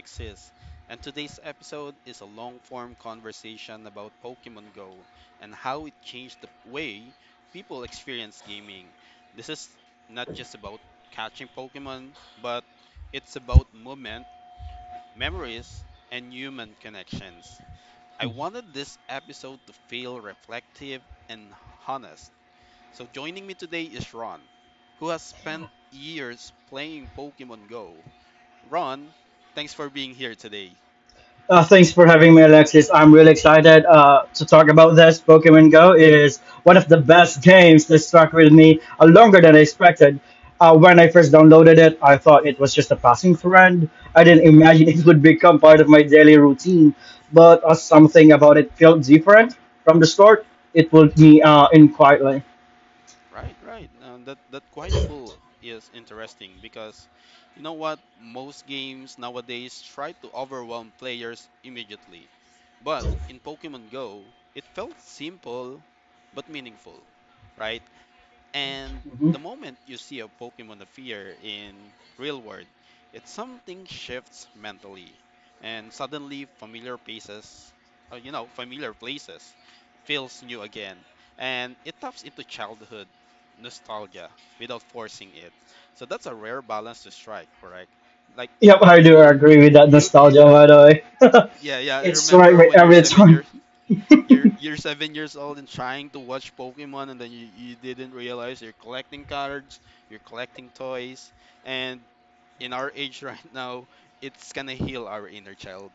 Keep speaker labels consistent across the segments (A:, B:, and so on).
A: Alexis, and today's episode is a long-form conversation about Pokemon Go and how it changed the way people experience gaming. This is not just about catching Pokemon, but it's about movement, memories, and human connections. I
B: Mm-hmm.
A: wanted this episode to feel reflective and honest, so joining me today is Ron, who has spent years playing Pokemon Go. Ron, thanks for being here today.
B: Thanks for having me, Alexis. I'm really excited to talk about this. Pokemon Go is one of the best games that stuck with me longer than I expected. When I first downloaded it, I thought it was just a passing friend. I didn't imagine it would become part of my daily routine, but something about it felt different from the start. It pulled me in quietly.
A: Right, right. That quiet pool is interesting because you know what? Most games nowadays try to overwhelm players immediately. But in Pokemon Go, it felt simple but meaningful, right? And
B: Mhm.
A: the moment you see a Pokemon appear in real world, it's something shifts mentally, and suddenly familiar places feels new again, and it taps into childhood nostalgia without forcing it. So that's a rare balance to strike, correct? Like
B: Yep, I
A: you
B: do
A: will,
B: agree with that
A: you
B: nostalgia, by the way.
A: yeah yeah.
B: It's right,
A: Remember
B: right
A: when you're
B: every
A: seven
B: time.
A: years you're you're 7 years old and trying to watch Pokemon, and then you didn't realize you're collecting cards, you're collecting toys, and in our age right now, it's gonna heal our inner child.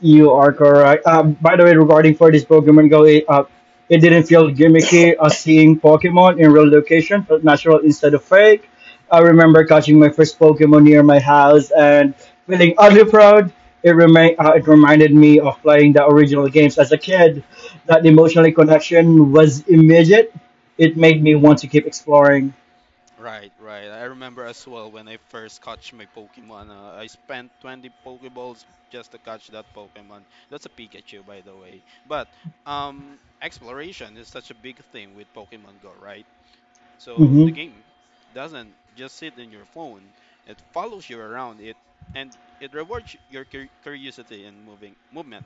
B: You are correct. By the way, regarding for this Pokemon Go, it didn't feel gimmicky seeing Pokemon in real location, but natural instead of fake. I remember catching my first Pokemon near my house and feeling oddly proud. It reminded me of playing the original games as a kid. That emotional
A: Hmm.
B: connection was immediate. It made me want to keep exploring.
A: Right, right. I remember as well when I first catch my Pokemon. I spent 20 Pokeballs just to catch that Pokemon. That's a Pikachu, by the way. But exploration is such a big thing with Pokemon Go, right? So the
B: Mm-hmm.
A: game doesn't just sit in your phone; it follows you around it, and it rewards your curiosity and moving movement.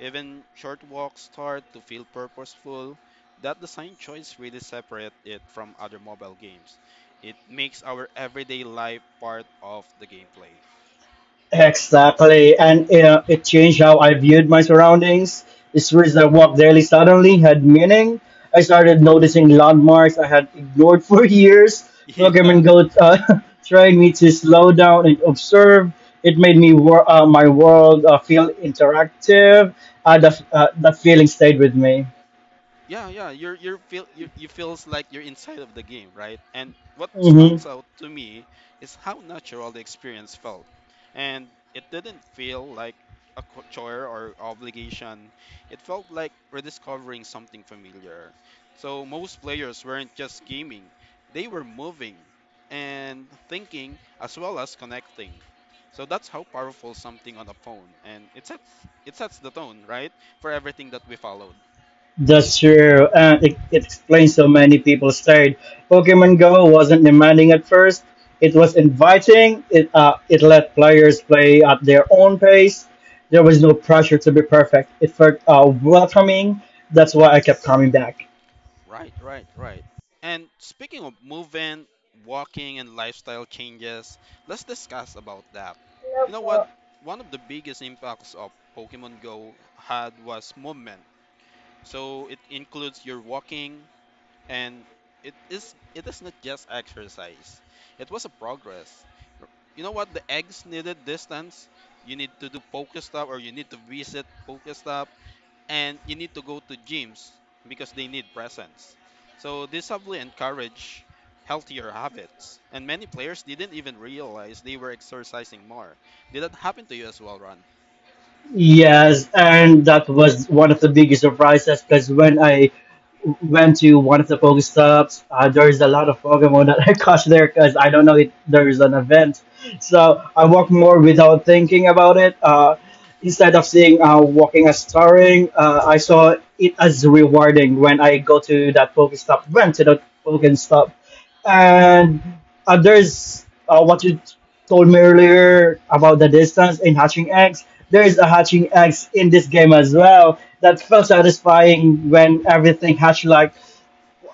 A: Even short walks start to feel purposeful. That design choice really separates it from other mobile games. It makes our everyday life part of the gameplay.
B: Exactly, and it changed how I viewed my surroundings. The streets I walked daily suddenly had meaning. I started noticing landmarks I had ignored for years. Pokemon
A: Yeah,
B: Go trained me to slow down and observe. It made me my world feel interactive. That feeling stayed with me.
A: yeah, yeah, you feels like you're inside of the game, right? And what
B: Mm-hmm.
A: stands out to me is how natural the experience felt, and it didn't feel like a chore or obligation. It felt like rediscovering something familiar. So most players weren't just gaming; they were moving and thinking as well as connecting. So that's how powerful something on a phone, and it sets the tone, right, for everything that we followed.
B: That's true, and it explains so many people stayed. Pokemon Go wasn't demanding at first; it was inviting. It let players play at their own pace. There was no pressure to be perfect. It felt welcoming. That's why I kept coming back.
A: Right, right, right. And speaking of moving, walking, and lifestyle changes, let's discuss about that. You know what? One of the biggest impacts of Pokemon Go had was movement. So it includes your walking, and it is not just exercise. It was a progress. R- You know what? The eggs needed distance. You need to do Pokestop, or you need to visit Pokestop, and you need to go to gyms because they need presence. So this heavily encourage healthier habits, and many players didn't even realize they were exercising more. Did that happen to you as well, Ron?
B: Yes, and that was one of the biggest surprises because when I went to one of the Pokestops, there's a lot of Pokemon that I caught there because I don't know if there is an event. So I walk
A: Mm-hmm.
B: more without thinking about it. Instead of seeing walking as tiring, I saw it as rewarding when I go to that Pokestop, went to that Pokestop. And there's what you told me earlier about the distance in Hatching eggs. There is a Hatching eggs in this game as well that felt satisfying when everything hatched. Like,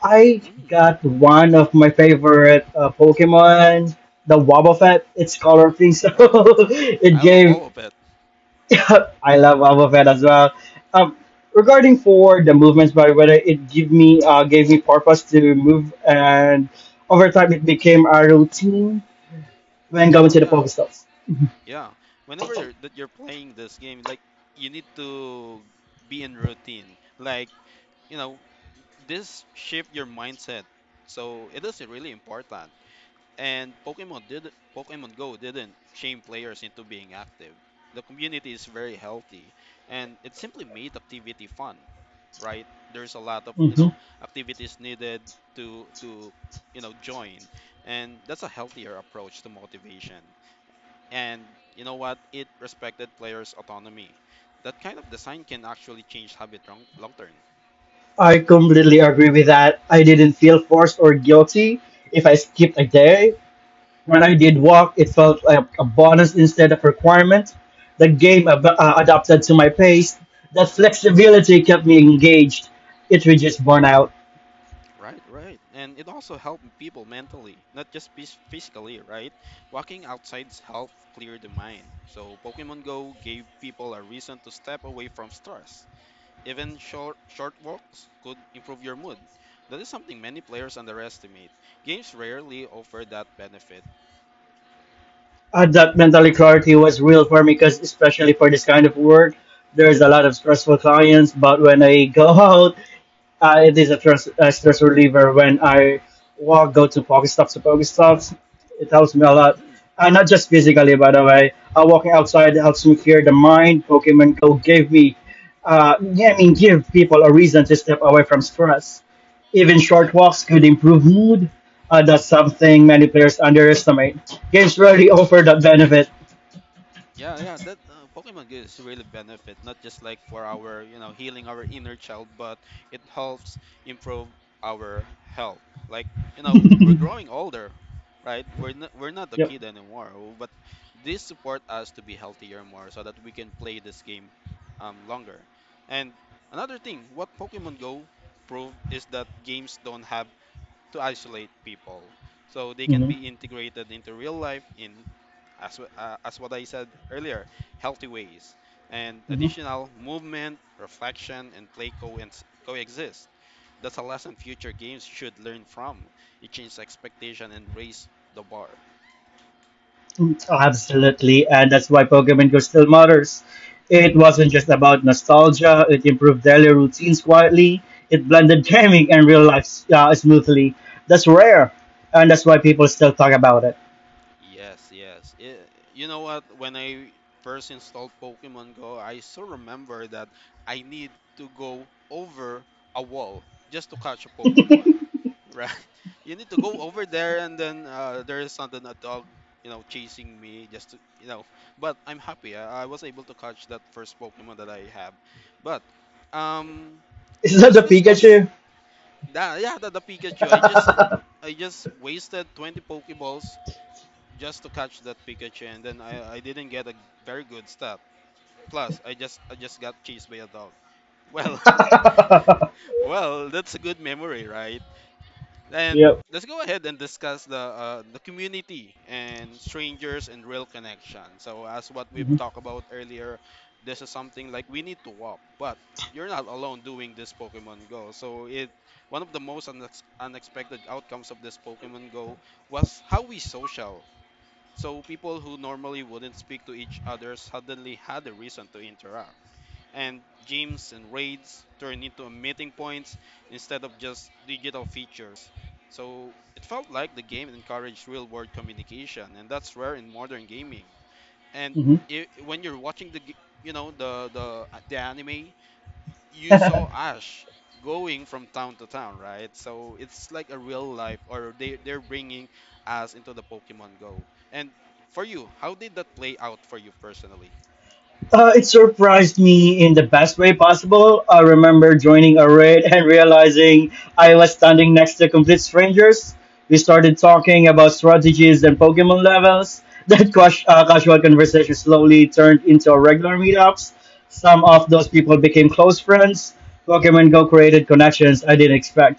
B: I
A: Mm-hmm.
B: got one of my favorite Pokemon, the Wobbuffet. It's color pink, so
A: Right.
B: it
A: I love
B: gave.
A: all of it.
B: I love Wobbuffet as well. Um, regarding for the movements, by the way, it gave me purpose to move, and over time it became a routine when going
A: Yeah,
B: to the
A: yeah,
B: Pokestops.
A: yeah. Whenever you're playing this game, like you need to be in routine. Like, you know, this shift your mindset. So it is really important. And Pokemon Go didn't shame players into being active. The community is very healthy, and it simply made activity fun, right? There's a lot of activities needed to join, and that's a healthier approach to motivation. And you know what? It respected players' autonomy. That kind of design can actually change habit long term.
B: I completely agree with that. I didn't feel forced or guilty if I skipped a day. When I did walk, it felt like a bonus instead of requirement. The game
A: Hmm.
B: adapted to my pace. That flexibility kept me engaged. It reduced burnout.
A: Right, right. And it also helped people mentally, not just physically, right? Walking outside's help clear the mind. So Pokemon Go gave people a reason to step away from stress. Even short walks could improve your mood. That is something many players underestimate. Games rarely offer that benefit.
B: That mental clarity was real for me because, especially for this kind of work, there's a lot of stressful clients. But when I go out, it is a stress reliever when I walk, go to Pokestops. It helps me a lot.
A: Hmm.
B: Not just physically, by the way. Walking outside helps me clear the mind. Pokemon Go gave me, yeah, I mean, give people a reason to step away from stress. Even short walks could improve mood. That's something many players underestimate. Games rarely offer that benefit.
A: Yeah, yeah, that Pokemon Go is really benefit, not just like for our healing our inner child, but it helps improve our health. Like we're growing older, right? We're not a
B: Yep.
A: kid anymore, but this support us to be healthier more so that we can play this game longer. And another thing, what Pokemon Go prove is that games don't have to isolate people. So they can
B: hmm
A: be integrated into real life as what I said earlier, healthy ways, and additional movement, reflection, and play coexist. That's a lesson future games should learn from. It changes expectation and raise the bar.
B: Absolutely, and that's why Pokemon Go still matters. It wasn't just about nostalgia, it improved daily routines quietly, it blended gaming and real life smoothly. That's rare, and that's why people still talk about it.
A: Yes, yes. You know what? When I first installed Pokemon Go, I still remember that I need to go over a wall just to catch a Pokemon, right? You need to go over there, and then there is sudden a dog chasing me just to. But I'm happy. I was able to catch that first Pokemon that I have. But um,
B: Is that
A: let's
B: a
A: discuss
B: Pikachu?
A: that. Yeah, the Pikachu. I just wasted 20 Pokeballs just to catch that Pikachu, and then I didn't get a very good stat. Plus, I just got chased by a dog. Well, well, that's a good memory, right? And
B: Yep.
A: let's go ahead and discuss the community and strangers and real connection. So as what we've
B: Mhm,
A: talked about earlier, this is something like we need to walk, but you're not alone doing this Pokemon Go. So it one of the most unexpected outcomes of this Pokemon Go was how we social. So people who normally wouldn't speak to each other suddenly had a reason to interact, and gyms and raids turn into a meeting points instead of just digital features. So it felt like the game encouraged real world communication, and that's rare in modern gaming. And
B: mhm.
A: I when you're watching the, g- you know, the anime, you saw Ash going from town to town, right? So it's like a real life, or they're bringing us into the Pokemon Go. And for you, how did that play out for you personally?
B: It surprised me in the best way possible. I remember joining a raid and realizing I was standing next to complete strangers. We started talking about strategies and Pokemon levels. That casual conversation slowly turned into regular meetups. Some of those people became close friends. Pokemon Go created connections I didn't expect.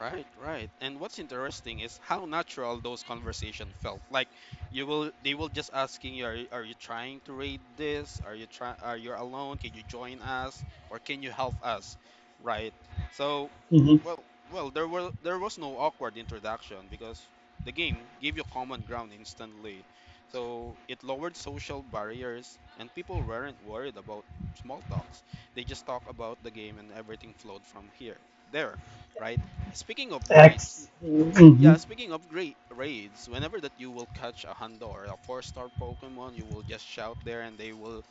A: Right, right. And what's interesting is how natural those conversations felt. Like you will they will just asking you, are you trying to raid this? Are you alone? Can you join us? Or can you help us? Right. So
B: hmm
A: well, well, there was no awkward introduction because the game gave you common ground instantly. So it lowered social barriers, and people weren't worried about small talks. They just talk about the game, and everything flowed from here. There, right? Speaking of raids,
B: X.
A: yeah, speaking of great raids, whenever that you will catch a Hundo or a four-star Pokemon, you will just shout there, and they will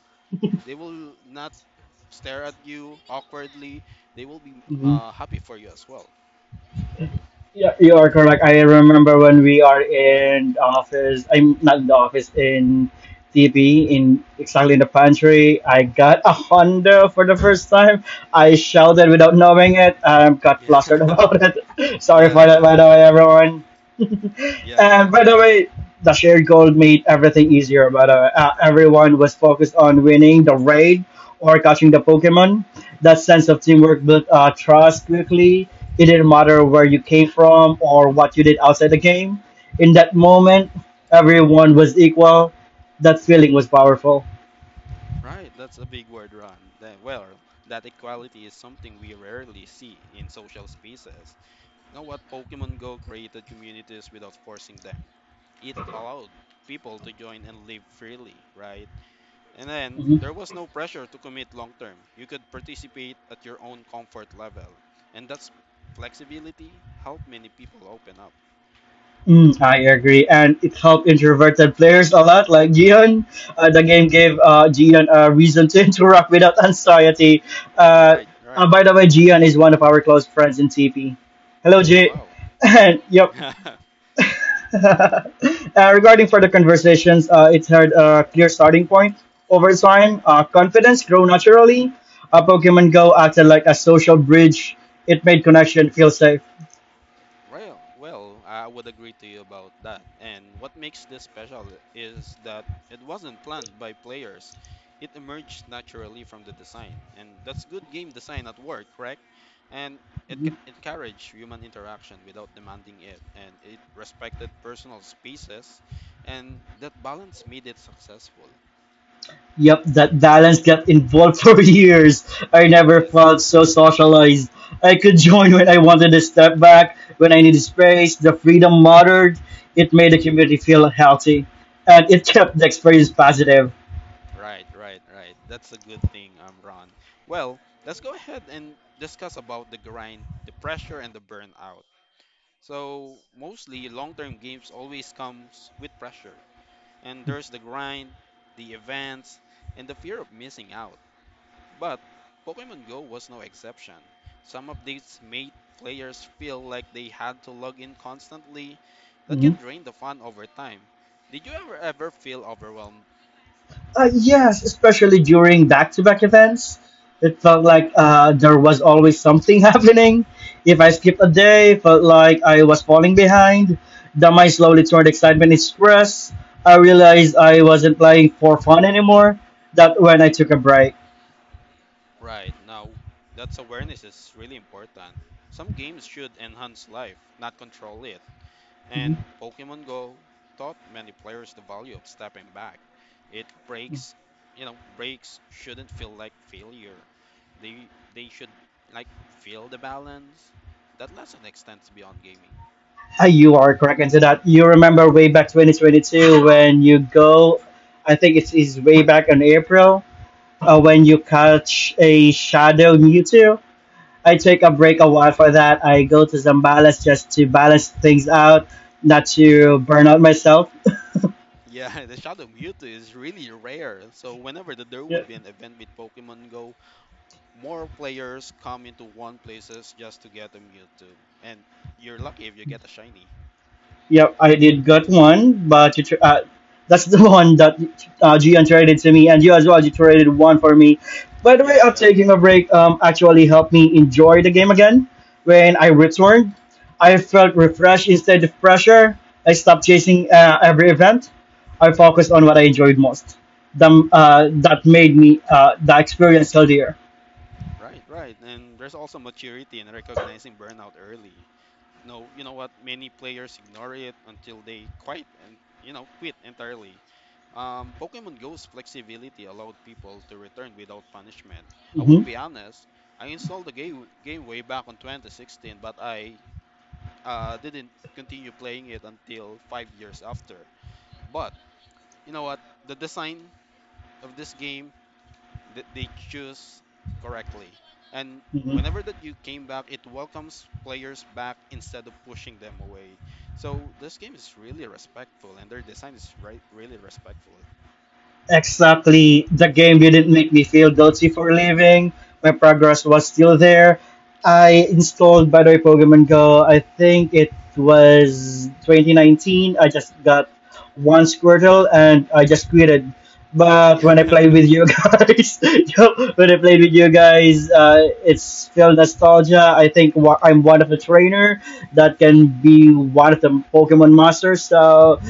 A: they will not stare at you awkwardly. They will be happy for you as well.
B: Yeah, you are correct. I remember when we are in the office. I'm not in the office in TP in exactly in the pantry. I got a Honda for the first time. I shouted without knowing it. I got
A: Yeah.
B: flustered about it. Sorry
A: Yeah,
B: for that,
A: yeah,
B: by
A: yeah.
B: the way, everyone.
A: Yeah,
B: And
A: yeah.
B: by the way, the shared goal made everything easier. But everyone was focused on winning the raid or catching the Pokemon. That sense of teamwork built trust quickly. It didn't matter where you came from or what you did outside the game. In that moment, everyone was equal. That feeling was powerful.
A: Right, that's a big word, Ron. Well, that equality is something we rarely see in social spaces. Now, what Pokemon Go created communities without forcing them. It allowed people to join and live freely, right? And then there
B: Mm-hmm.
A: was no pressure to commit long term. You could participate at your own comfort level. And that's flexibility helped many people open up.
B: Mm, I agree, and it helped introverted players a lot, like Jihan. The game gave Jihan a reason to interact without anxiety.
A: You're
B: Uh,
A: right, you're
B: uh,
A: right.
B: by the way, Jihan is one of our close friends in TP. Hello, G.
A: Wow.
B: And yep. uh, regarding further conversations, it had a clear starting point. Over time, confidence grew naturally. Pokemon Go acted like a social bridge. It made connection feel safe.
A: Well, I would agree to you about that. And what makes this special is that it wasn't planned by players. It emerged naturally from the design, and that's good game design at work, correct? And it encouraged human interaction without demanding it, and it respected personal spaces, and that balance made it successful.
B: Yep, that balance got involved for years. I never
A: Yes,
B: felt so socialized. I could join when I wanted to step back, when I needed space. The freedom mattered. It made the community feel healthy, and it kept the experience positive.
A: right, right, right. That's a good thing, Ron. Well, let's go ahead and discuss about the grind, the pressure, and the burnout. So mostly long-term games always comes with pressure. And there's the grind, the events, and the fear of missing out. But Pokemon Go was no exception. Some updates made players feel like they had to log in constantly. That can
B: Mm-hmm.
A: drain the fun over time. Did you ever feel overwhelmed?
B: Yes, especially during back-to-back events, it felt like there was always something happening. If I skipped a day, it felt like I was falling behind. The mind slowly turned excitement into stress. I realized I wasn't playing for fun anymore. That when I took a break.
A: Right, now that's awareness is really important. Some games should enhance life, not control it.
B: Mhm.
A: And Pokemon Go taught many players the value of stepping back. It breaks, you know, Breaks shouldn't feel like failure. They should like feel the balance. That lesson extends beyond gaming.
B: You are correct into that. You remember way back 2022 when you go, I think it is way back in April, when you catch a shadow Mewtwo. I take a break
A: Hmm.
B: a while for that. I go to Zambales just to balance things out, not
A: Yeah,
B: to burn out myself.
A: yeah. The Shadow Mewtwo is really rare. So whenever there would be an event with Pokemon Go, more players come into one places just to get a Mewtwo, and you're lucky if you get a shiny.
B: Yep, I did got one, but that's the one that Gian traded to me, and you as well. You traded one for me. By the way,
A: Yeah,
B: of
A: yeah.
B: taking a break actually helped me enjoy the game again. When I returned, I felt refreshed instead of pressure. I stopped chasing every event. I focused on what I enjoyed most. Them, that made me the experience healthier.
A: Right, right. And there's also maturity in recognizing burnout early. No, you know what? Many players ignore it until they quit and quit entirely. Pokemon Go's flexibility allowed people to return without punishment. I
B: hmm
A: would be honest. I installed the game way back on 2016, but I didn't continue playing it until 5 years after. But you know what? The design of this game they choose correctly. And
B: hmm
A: whenever that you came back, it welcomes players back instead of pushing them away. So this game is really respectful, and their design is really respectful.
B: Exactly. The game didn't make me feel guilty for leaving. My progress was still there. I installed, by the way, Pokemon Go. I think it was 2019. I just got one Squirtle
A: Mhm.
B: and I just quitted. But
A: Yeah.
B: when I played with you guys, when I played with you guys, it's still nostalgia. I think I'm one of the trainer that can be
A: Mhm.
B: one of the Pokemon masters. So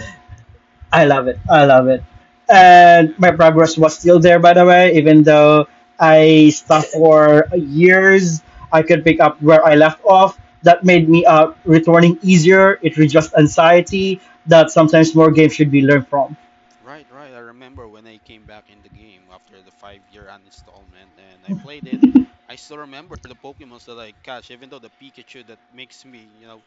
B: I love it. I love it. And
A: Yeah.
B: my progress was still there, by the way, even though I stopped for years. I could pick up
A: Mhm.
B: where I left off. That made me returning easier. It reduced anxiety that sometimes more games should be learned from.
A: Right, right. I remember when I came back in the game after the 5-year uninstallment and I played it. I still remember the Pokemons that I catch, even though the Pikachu that makes me, you know,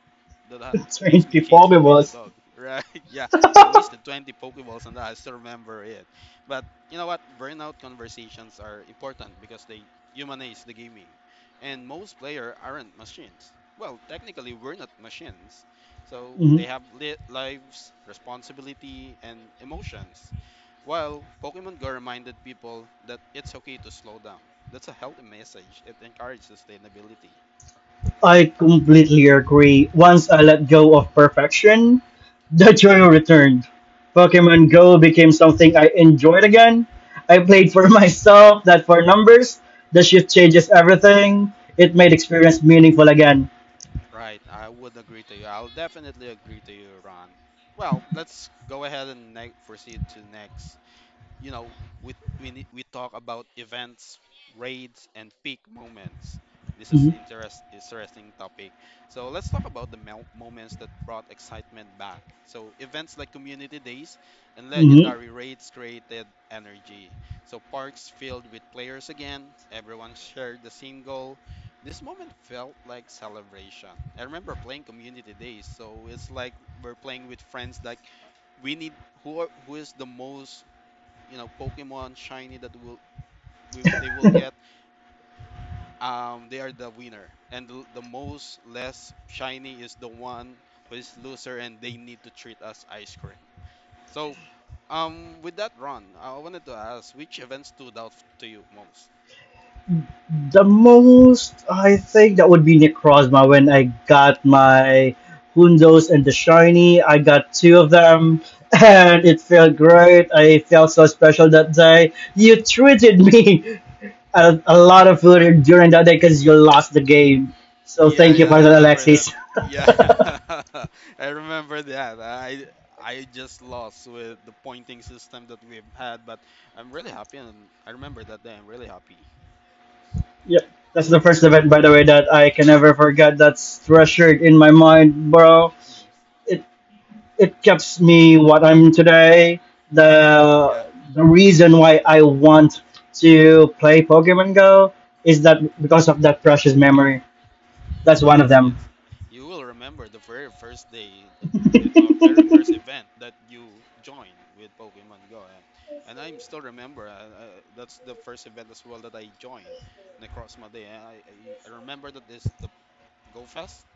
A: that ha-
B: 20
A: chased by the
B: Pokeballs.
A: dog. Right? Yeah. I wasted 20 Pokeballs on that. I still remember it. But you know what? Burnout conversations are important because they humanize the gaming, and most players aren't machines. Well, technically, we're not machines. So
B: Mhm.
A: they have lives, responsibility, and emotions. While Pokemon Go reminded people that it's okay to slow down. That's a healthy message. It encourages sustainability.
B: I completely agree. Once I let go of perfection, the joy returned. Pokemon Go became something I enjoyed again. I played for myself, not for numbers. The shift changes everything. It made experience meaningful again.
A: Right, I would agree to you. I'll definitely agree to you, Ron. Well, let's go ahead and proceed to next you know, we, we talk about events, raids, and peak moments. This is an
B: hmm
A: interesting topic. So let's talk about the moments that brought excitement back. So events like community days and
B: hmm
A: legendary raids created energy. So parks filled with players again. Everyone shared the same goal. This moment felt like celebration. I remember playing community days, so it's like we're playing with friends like we need who are, who is the most Pokemon shiny that they will get they are the winner and the most less shiny is the one who is loser and they need to treat us ice cream. So with that, Ron, I wanted to ask which event stood out to you most?
B: The most, I think, that would be Necrozma when I got my Hundos and the Shiny. I got two of
A: Hmm,
B: them, and it felt great. I felt so special that day. You treated me. A lot of
A: hmm.
B: food during that day because you lost the game. So
A: Yeah,
B: thank you
A: yeah, I
B: for that,
A: remember that.
B: Alexis.
A: Yeah, I remember that. I just lost with the pointing system that we've had, but I'm really happy and I remember that day. I'm really happy.
B: Yep, that's the first event, by the way, that I can never forget. That's treasured in my mind, bro.
A: Mhm.
B: It it keeps me what I'm today. The the reason why I want to play Pokemon Go is that because of that precious memory. That's one of
A: Yes,
B: them.
A: yes. You will remember the very first day, uh, our very first event that you joined with Pokemon Go. And I still remember, that's the first event as well that I joined, Necrozma Day. And I remember that this, the Go Fest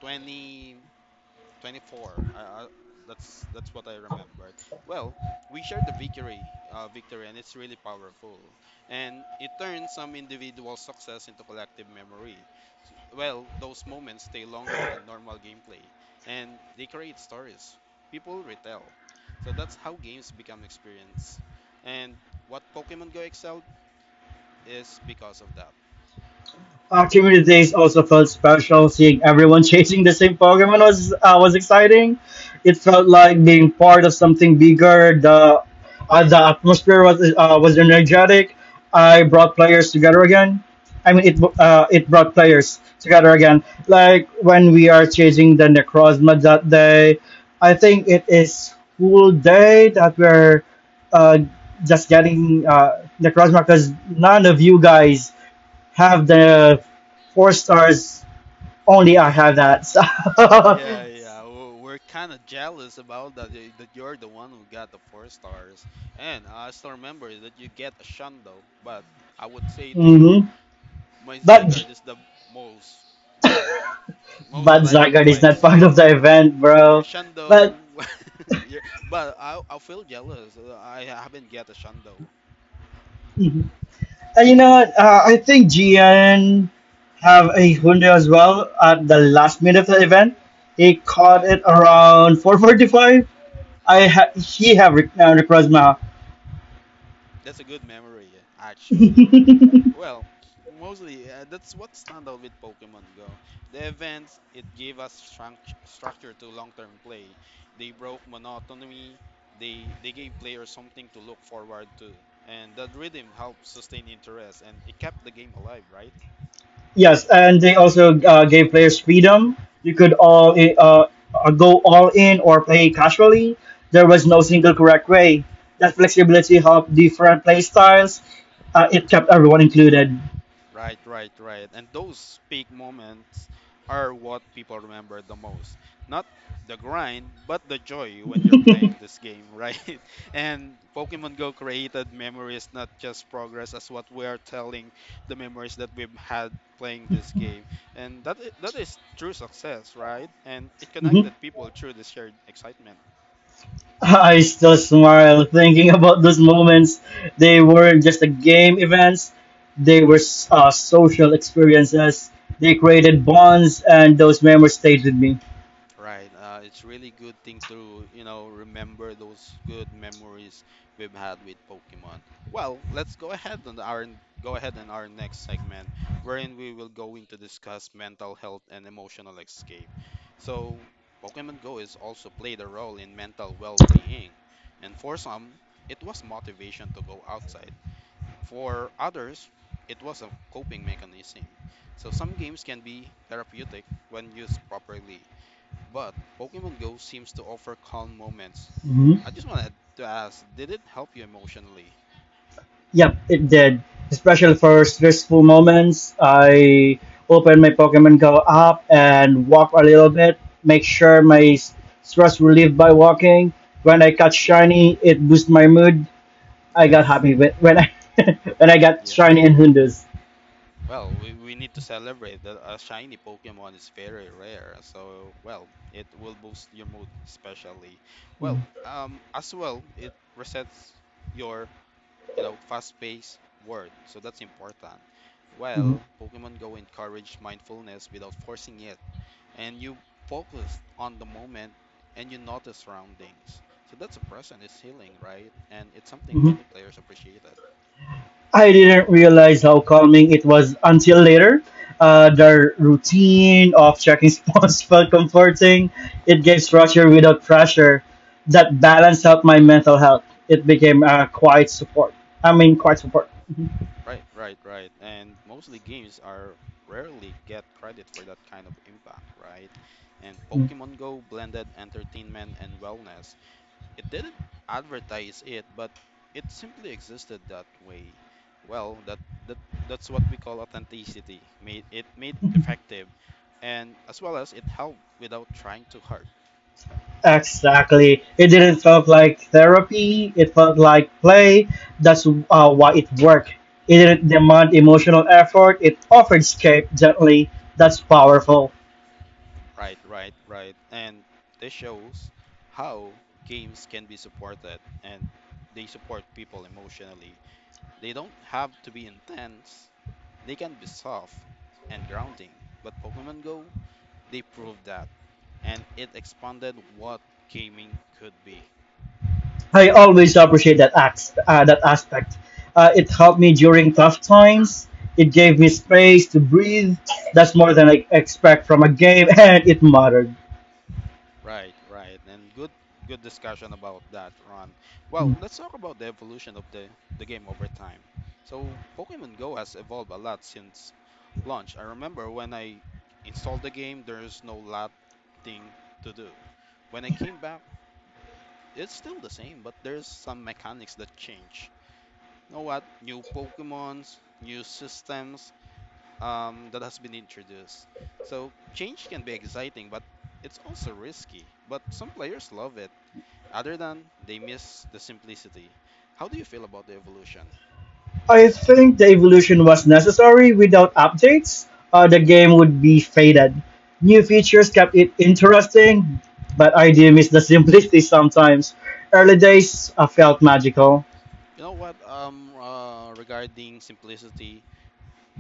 A: 2024. I, that's what I remembered. Well, we shared the victory, and it's really powerful. And it turns some individual success into collective memory. Well, those moments stay longer than normal gameplay, and they create stories people retell. So that's how games become experience. And what Pokemon Go excelled is because of that.
B: Our community days also felt special. Seeing everyone chasing the same Pokemon was exciting. It felt
A: Hmm.
B: like being part of something bigger. The atmosphere was energetic. I brought players together again. I mean, it brought players together again. Like when we are chasing the Necrozma that day, I think it is cool day that we're uh, just getting Necrozma because none of you guys have the four stars. Only I
A: Yeah,
B: have that. So,
A: yeah, yeah. We're kind of jealous about that. That you're the one who got the four stars, and I still remember that you get a Shundo. But I would say to you,
B: hmm
A: my
B: But
A: Zygarde is the most, you know, most
B: but
A: that I can
B: Zygarde is not
A: flex.
B: part of the event,
A: Your
B: bro.
A: Shando,
B: But
A: your, but I feel jealous. I haven't get a Shando.
B: mhm. And you know
A: But
B: what? I think Gian have a Hyundai as well at the
A: mhm,
B: last minute of the event. He caught
A: yeah,
B: it around 4:45. He have request my.
A: that's a good memory actually. Well, mostly that's what stand out with Pokemon Go. The events it gave us structure to long-term play. They broke monotony. They gave players something to look forward to, and that rhythm helped sustain interest and it kept the game alive, Right,
B: Yes, and they also gave players freedom. You could go all in or play casually. There was no single correct way. That flexibility helped different play styles. It kept everyone included.
A: right, right, right. And those peak moments are what people remember the most. Not the grind, but the joy when you're playing this game, right? And Pokemon Go created memories, not just progress, as what we are telling the memories that we've had playing this game. And that is true success, right? And it
B: hmm
A: connected people through the shared excitement.
B: I still smile thinking about those moments. They weren't just a game events; they were
A: Hmm.
B: social experiences. They created bonds, and those memories stayed with me.
A: Right. It's really good thing to remember those good memories we've had with Pokemon. Well, let's go ahead in our next segment, wherein we will going to discuss mental health and emotional escape. So, Pokemon Go is also played a role in mental well-being, and for some, it was motivation to go outside. For others, it was a coping mechanism. So some games can be therapeutic when used properly, but Pokemon Go seems to offer calm moments.
B: Mm-hmm.
A: I just wanted to ask, did it help you emotionally?
B: Yep, it did. Especially for stressful moments, I open my Pokemon Go app and walk a little bit, make sure my stress relieved by walking. When I catch
A: Hmm.
B: shiny, it boosts my mood. I got
A: Yes.
B: happy with when I when I got
A: Yeah.
B: shiny and Hundus.
A: Well, we need to celebrate that a shiny Pokemon is very rare. So, well, it will boost your mood especially. Well,
B: Mhm,
A: as well, it resets your fast-paced world. So that's important.
B: mhm,
A: Well, Pokemon Go encourage mindfulness without forcing it. And you focus on the moment and you notice surroundings. So that's a present, it's healing, right? And it's something
B: mhm.
A: many players appreciated.
B: I didn't realize how calming it was until later. Their routine of checking spots felt comforting. It gave structure without pressure. That balanced out my mental health. It became a quiet support. I mean, quiet support.
A: Right, right, right. And mostly games are rarely get credit for that kind of impact, right? And
B: Mhm.
A: Pokemon Go blended entertainment and wellness. It didn't advertise it, but it simply existed that way. Well, that that's what we call authenticity. Made it made effective, and as well as it helped without trying too hard.
B: Exactly. It didn't felt like therapy. It felt like play. That's why it worked. It didn't demand emotional effort. It offered escape gently. That's powerful.
A: Right, right, right. And this shows how games can be supported, and they support people emotionally. They don't have to be intense. They can be soft and grounding. But Pokemon Go, they prove that. And it expanded what gaming could be.
B: I always appreciate that that aspect. It helped
A: Mhm.
B: me during tough times. It gave me space to breathe. That's more than I expect from a game, and it mattered.
A: Right, right. And good discussion about that, Ron. Well, let's talk about the evolution of the game over time. So Pokemon Go has evolved a lot since launch. I remember when I installed the game, there's no lot thing to do. When I came back, it's still the same, but there's some mechanics that change. You know what? New Pokemons, new systems, that has been introduced. So change can be exciting, but it's also risky. But some players love it. Other than they miss the simplicity. How do you feel about the evolution?
B: I think the evolution was necessary. Without updates, the game would be faded. New features kept
A: Hmm.
B: it interesting, but I do miss the simplicity sometimes. Early days felt magical.
A: You know what? Regarding simplicity,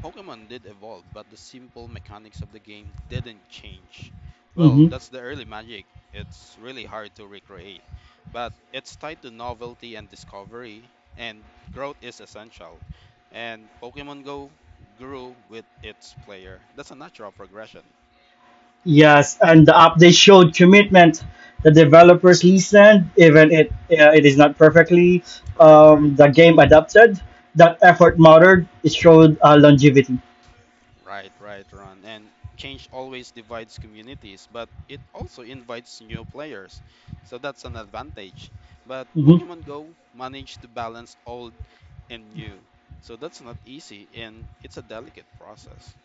A: Pokemon did evolve, but the simple mechanics of the game didn't change. Well,
B: Mhm.
A: that's the early magic. It's really hard to recreate, but it's tied to novelty and discovery, and growth is essential. And Pokemon Go grew with its player. That's a natural progression.
B: Yes, and the update showed commitment. The developers listened, even it is not perfectly
A: Right, right.
B: the game adapted. That effort mattered. It showed longevity.
A: Right, right, Ron. And change always divides communities, but it also invites new players. So that's an advantage. But
B: Mhm.
A: Pokemon Go managed to balance old and new. So that's not easy and it's a delicate process.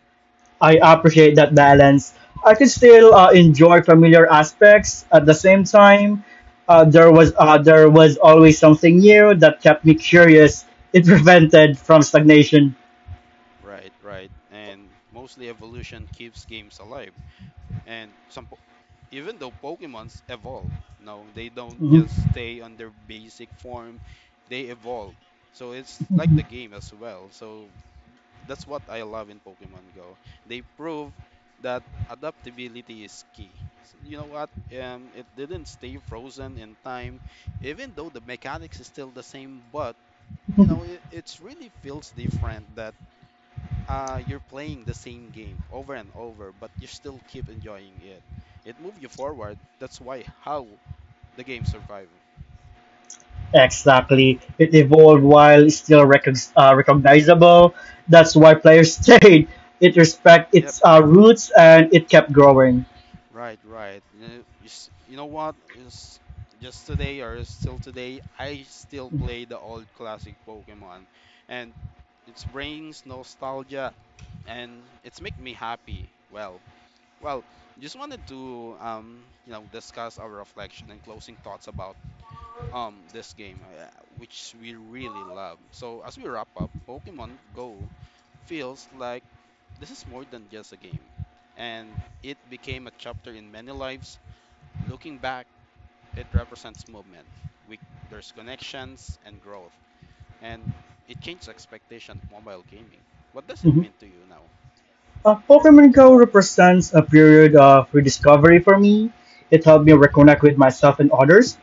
B: I appreciate that balance. I could still enjoy familiar aspects at the same time. There was always something new that kept me curious. It prevented from stagnation.
A: Right, right. And mostly evolution keeps games alive. And even though Pokemons evolve, no, they don't
B: Mhm.
A: just stay on their basic form, they evolve. So it's like the game as well. So that's what I love in Pokemon Go. They prove that adaptability is key. You know what? It didn't stay frozen in time, even though the mechanics is still the same. But it's really feels different that you're playing the same game over and over, but you still keep enjoying it. It moves you forward. That's why how the game survive.
B: Exactly. It evolved while still recognizable. That's why players stayed. It respect
A: Yep.
B: its roots and it kept growing.
A: Right, right. You know, you know what? Is just today or still today, I still play the old classic Pokemon, and it brings nostalgia and it's make me happy. Well, well, just wanted to discuss our reflection and closing thoughts about this game, which we really love. So as we wrap up, Pokemon Go feels like this is more than just a game, and it became a chapter in many lives. Looking back, it represents movement. We, there's connections and growth, and it changed expectation of mobile gaming. What does it
B: Mhm.
A: mean to you now?
B: Pokemon Go represents a period of rediscovery for me. It helped me reconnect with myself and others.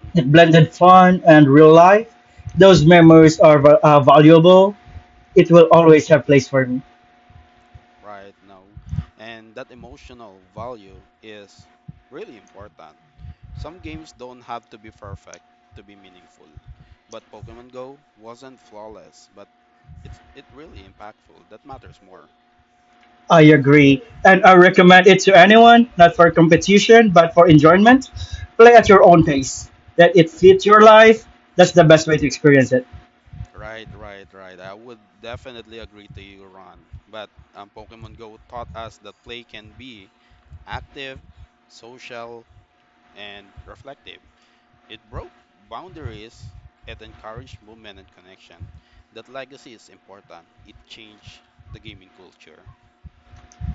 A: Hmm.
B: It blended fun and real life. Those memories are valuable. It will always have place for me.
A: Right now, and that emotional value is really important. Some games don't have to be perfect to be meaningful, but Pokemon Go wasn't flawless, but it's it really impactful. That matters more.
B: I agree. And I recommend it to anyone, not for competition, but for enjoyment. Play at your own pace. That it fits your life. That's the best way to experience it.
A: Right, right, right. I would definitely agree to you, Ron. But Pokemon Go taught us that play can be active, social, and reflective. It broke boundaries, it encouraged movement and connection. That legacy is important. It changed the gaming culture.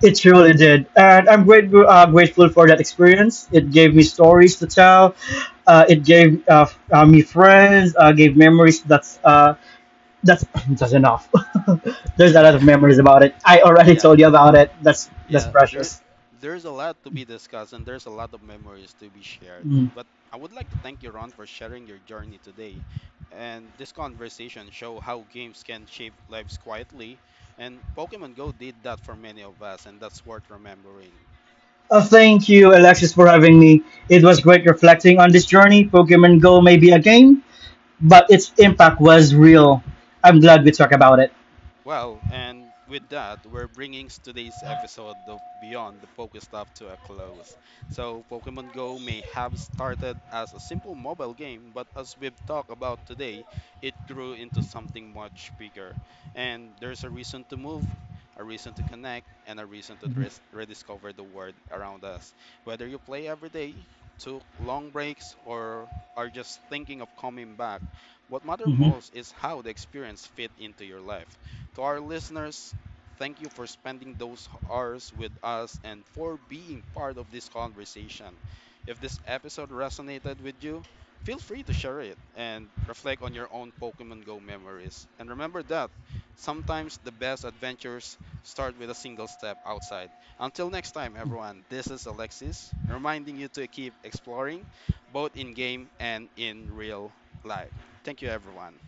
B: It truly did. And I'm grateful for that experience. It gave me stories to tell. It gave me friends, gave memories. That's, that's enough. There's a
A: Yeah,
B: lot of
A: yeah,
B: memories about it. I already
A: yeah.
B: told you about it. That's
A: Yeah, there
B: precious.
A: there's a lot to be discussed and there's a lot of memories to be shared.
B: Mm.
A: But I would like to thank you, Ron, for sharing your journey today. And this conversation show how games can shape lives quietly, and Pokemon Go did that for many of us, and that's worth remembering.
B: Thank you, Alexis, for having me. It was great reflecting on this journey. Pokemon Go may be a game, but its impact was real. I'm glad we talked about it.
A: Well, and with that, we're bringing today's episode of Beyond the Pokestuff to a close. So, Pokemon Go may have started as a simple mobile game, but as we've talked about today, it grew into something much bigger. And there's a reason to move, a reason to connect, and a reason to
B: Mhm.
A: rediscover the world around us. Whether you play every day, took long breaks, or are just thinking of coming back, what matters
B: Mhm.
A: most is how the experience fit into your life. To our listeners, thank you for spending those hours with us and for being part of this conversation. If this episode resonated with you, feel free to share it and reflect on your own Pokemon Go memories. And remember that sometimes the best adventures start with a single step outside. Until next time, everyone, this is Alexis reminding you to keep exploring both in game and in real life. Thank you, everyone.